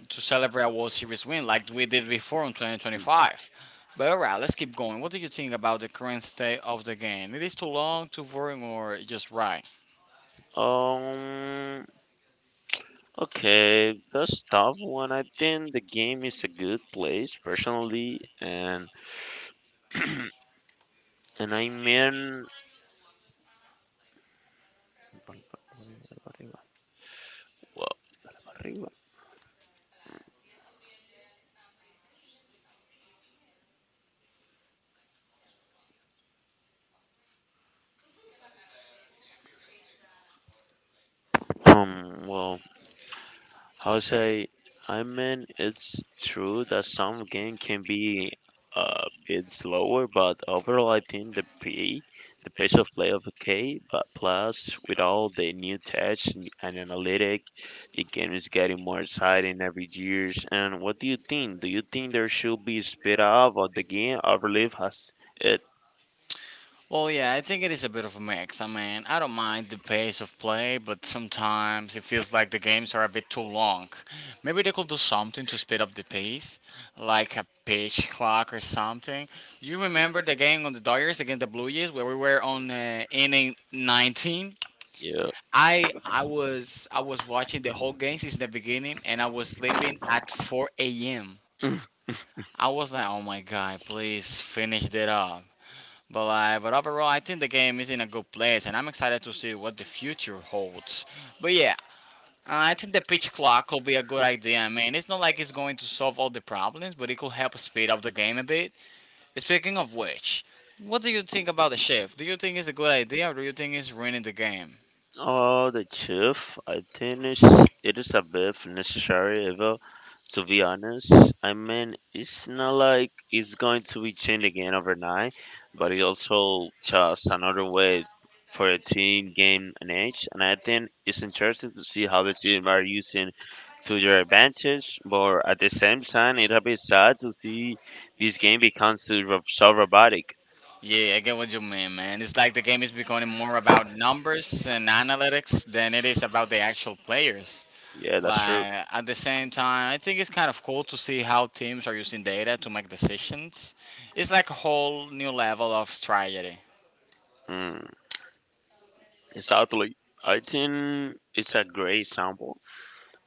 to celebrate a World Series win like we did before in 2025. But alright, let's keep going. What do you think about the current state of the game? It is too long, too boring, or just right? Um. Okay, that's tough one. I think the game is a good place personally, and I mean, well, well, how say? I mean, it's true that some game can be a bit slower, but overall, I think the play, the pace of play of okay. But plus, with all the new touch and analytic, the game is getting more exciting every year. And what do you think? Do you think there should be speed up of the game, or relief has it? Well, yeah, I think it is a bit of a mix. I mean, I don't mind the pace of play, but sometimes it feels like the games are a bit too long. Maybe they could do something to speed up the pace, like a pitch clock or something. You remember the game on the Dodgers against the Blue Jays where we were on inning 19? Yeah. I was watching the whole game since the beginning, and I was sleeping at 4 a.m. I was like, oh my god, please finish that up. But like, but overall, I think the game is in a good place, and I'm excited to see what the future holds. But yeah, I think the pitch clock could be a good idea. I mean, it's not like it's going to solve all the problems, but it could help speed up the game a bit. Speaking of which, what do you think about the shift? Do you think it's a good idea, or do you think it's ruining the game? The chief, I think it's, it is a bit necessary ever. To be honest, I mean, it's not like it's going to be changed again overnight, but it's also just another way for a team gain an edge. And I think it's interesting to see how the team are using to their advantage. But at the same time, it'll be sad to see this game becomes so robotic. Yeah, I get what you mean, man. It's like the game is becoming more about numbers and analytics than it is about the actual players. Yeah, that's true. Like at the same time, I think it's kind of cool to see how teams are using data to make decisions. It's like a whole new level of strategy. Mm. Exactly. I think it's a great example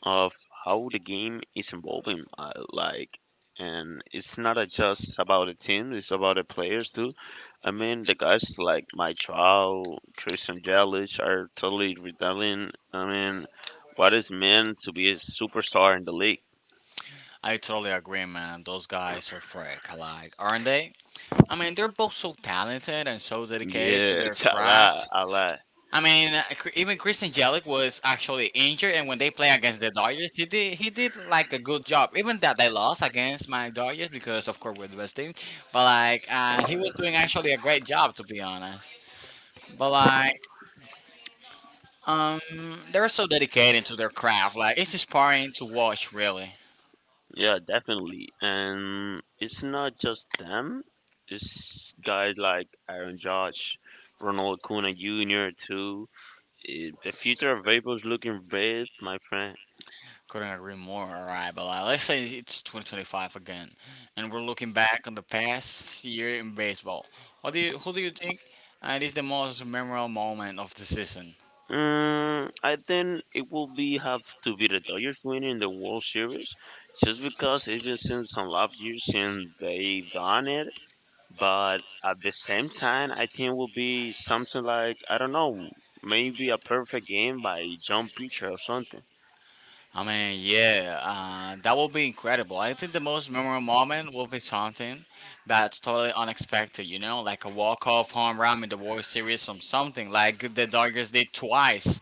of how the game is evolving. And it's not just about the team; it's about the players too. I mean, the guys like my Trout, Christian Yelich are totally rebelling. I mean, what is meant to be a superstar in the league? I totally agree, man. Those guys are freak, like, aren't they? I mean, they're both so talented and so dedicated to Yeah, their it's a lot, craft. a lot. I mean, even Christian Jelic was actually injured, and when they play against the Dodgers, he did like a good job. Even that they lost against my Dodgers because, of course, we're the best team. But like, he was doing actually a great job, to be honest. But like, um, they're so dedicated to their craft. Like, it's inspiring to watch, really. Yeah, definitely. And it's not just them. It's guys like Aaron Judge, Ronald Acuna Jr. too. Eh, the future of vapor looking bright, my friend. Couldn't agree more. All right, but like, let's say it's 2025 again, and we're looking back on the past year in baseball. What do you, who do you think is the most memorable moment of the season? Mm, I think it will be have to be the Dodgers winning the World Series, just because it's been since some last year since they've done it. But at the same time, I think it will be something like I don't know, maybe a perfect game by John Pitcher or something. I mean, yeah, that will be incredible. I think the most memorable moment will be something that's totally unexpected, you know, like a walk-off home run in the World Series from something like the Dodgers did twice.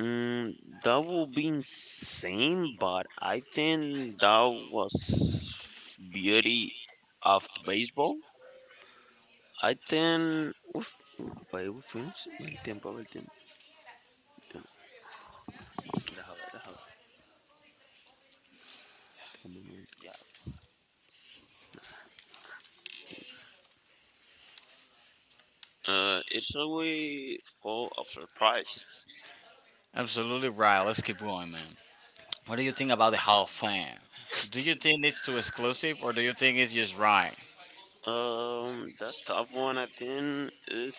Mm, that would be insane, but I think that was beauty of baseball. I think. Uf, wait, we finished? El tiempo, el tiempo, el tiempo. Deja ver, deja ver. Dame un momento, ya. It's always full of surprise. Absolutely right. Let's keep going, man. What do you think about the Hall of Fame? Do you think it's too exclusive or do you think it's just right? That's tough one. I think it's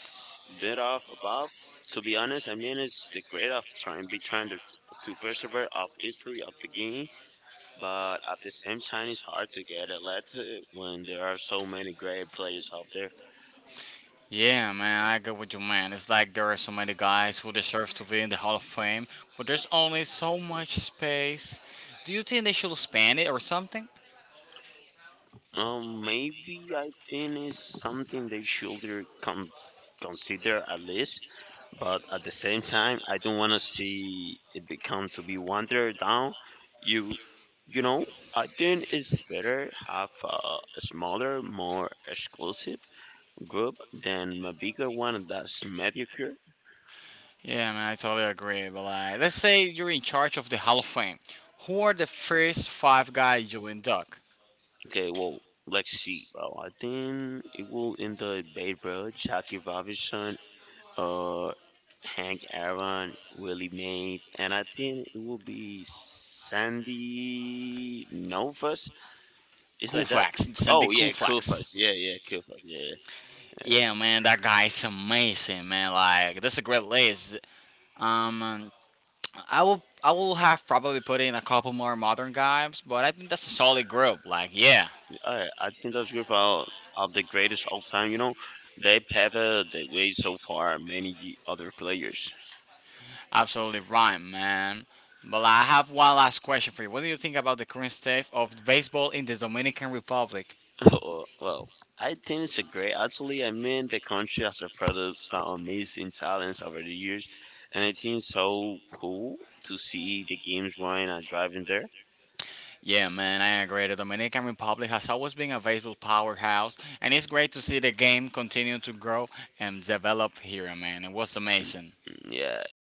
bit off above. To be honest, I mean it's the grade of be trying to persevere of history of the game but at the same time, it's hard to get a when there are so many great players out there. Yeah, man, I go with you, man. It's like there are so many guys who deserve to be in the Hall of Fame, but there's only so much space. Do you think they should expand it or something? Maybe I think it's something they should consider at least, but at the same time, I don't want to see it become to be watered down. You, you know, I think it's better have a smaller, more exclusive group than a bigger one that's mediocre. Yeah, man, I totally agree. But like, let's say you're in charge of the Hall of Fame. Who are the first five guys you induct? Okay, well, let's see, bro. I think it will end the Babe Ruth, Jackie Robinson, uh, Hank Aaron, Willie Mays, and I think it will be Sandy Novas. It's like that. Koufax, Sandy Oh yeah, cool first. Koufax. Yeah, yeah, cool first. Yeah, yeah. Yeah, man, that guy is amazing, man. Like, that's a great list. Um, I will have probably put in a couple more modern guys, but I think that's a solid group. Like, yeah, Alright, I think that's good for all of the greatest all time. You know, they pepper they way so far many other players. absolutely right, man. But like, I have one last question for you. What do you think about the current state of baseball in the Dominican Republic? Well, I think it's a great. Actually, I mean, the country has a product some amazing talents over the years, and I think it's so cool to see the games running and driving there. Yeah, man, I agree. The Dominican Republic has always been a baseball powerhouse, and it's great to see the game continue to grow and develop here, man. It was amazing. Mm, yeah, yeah,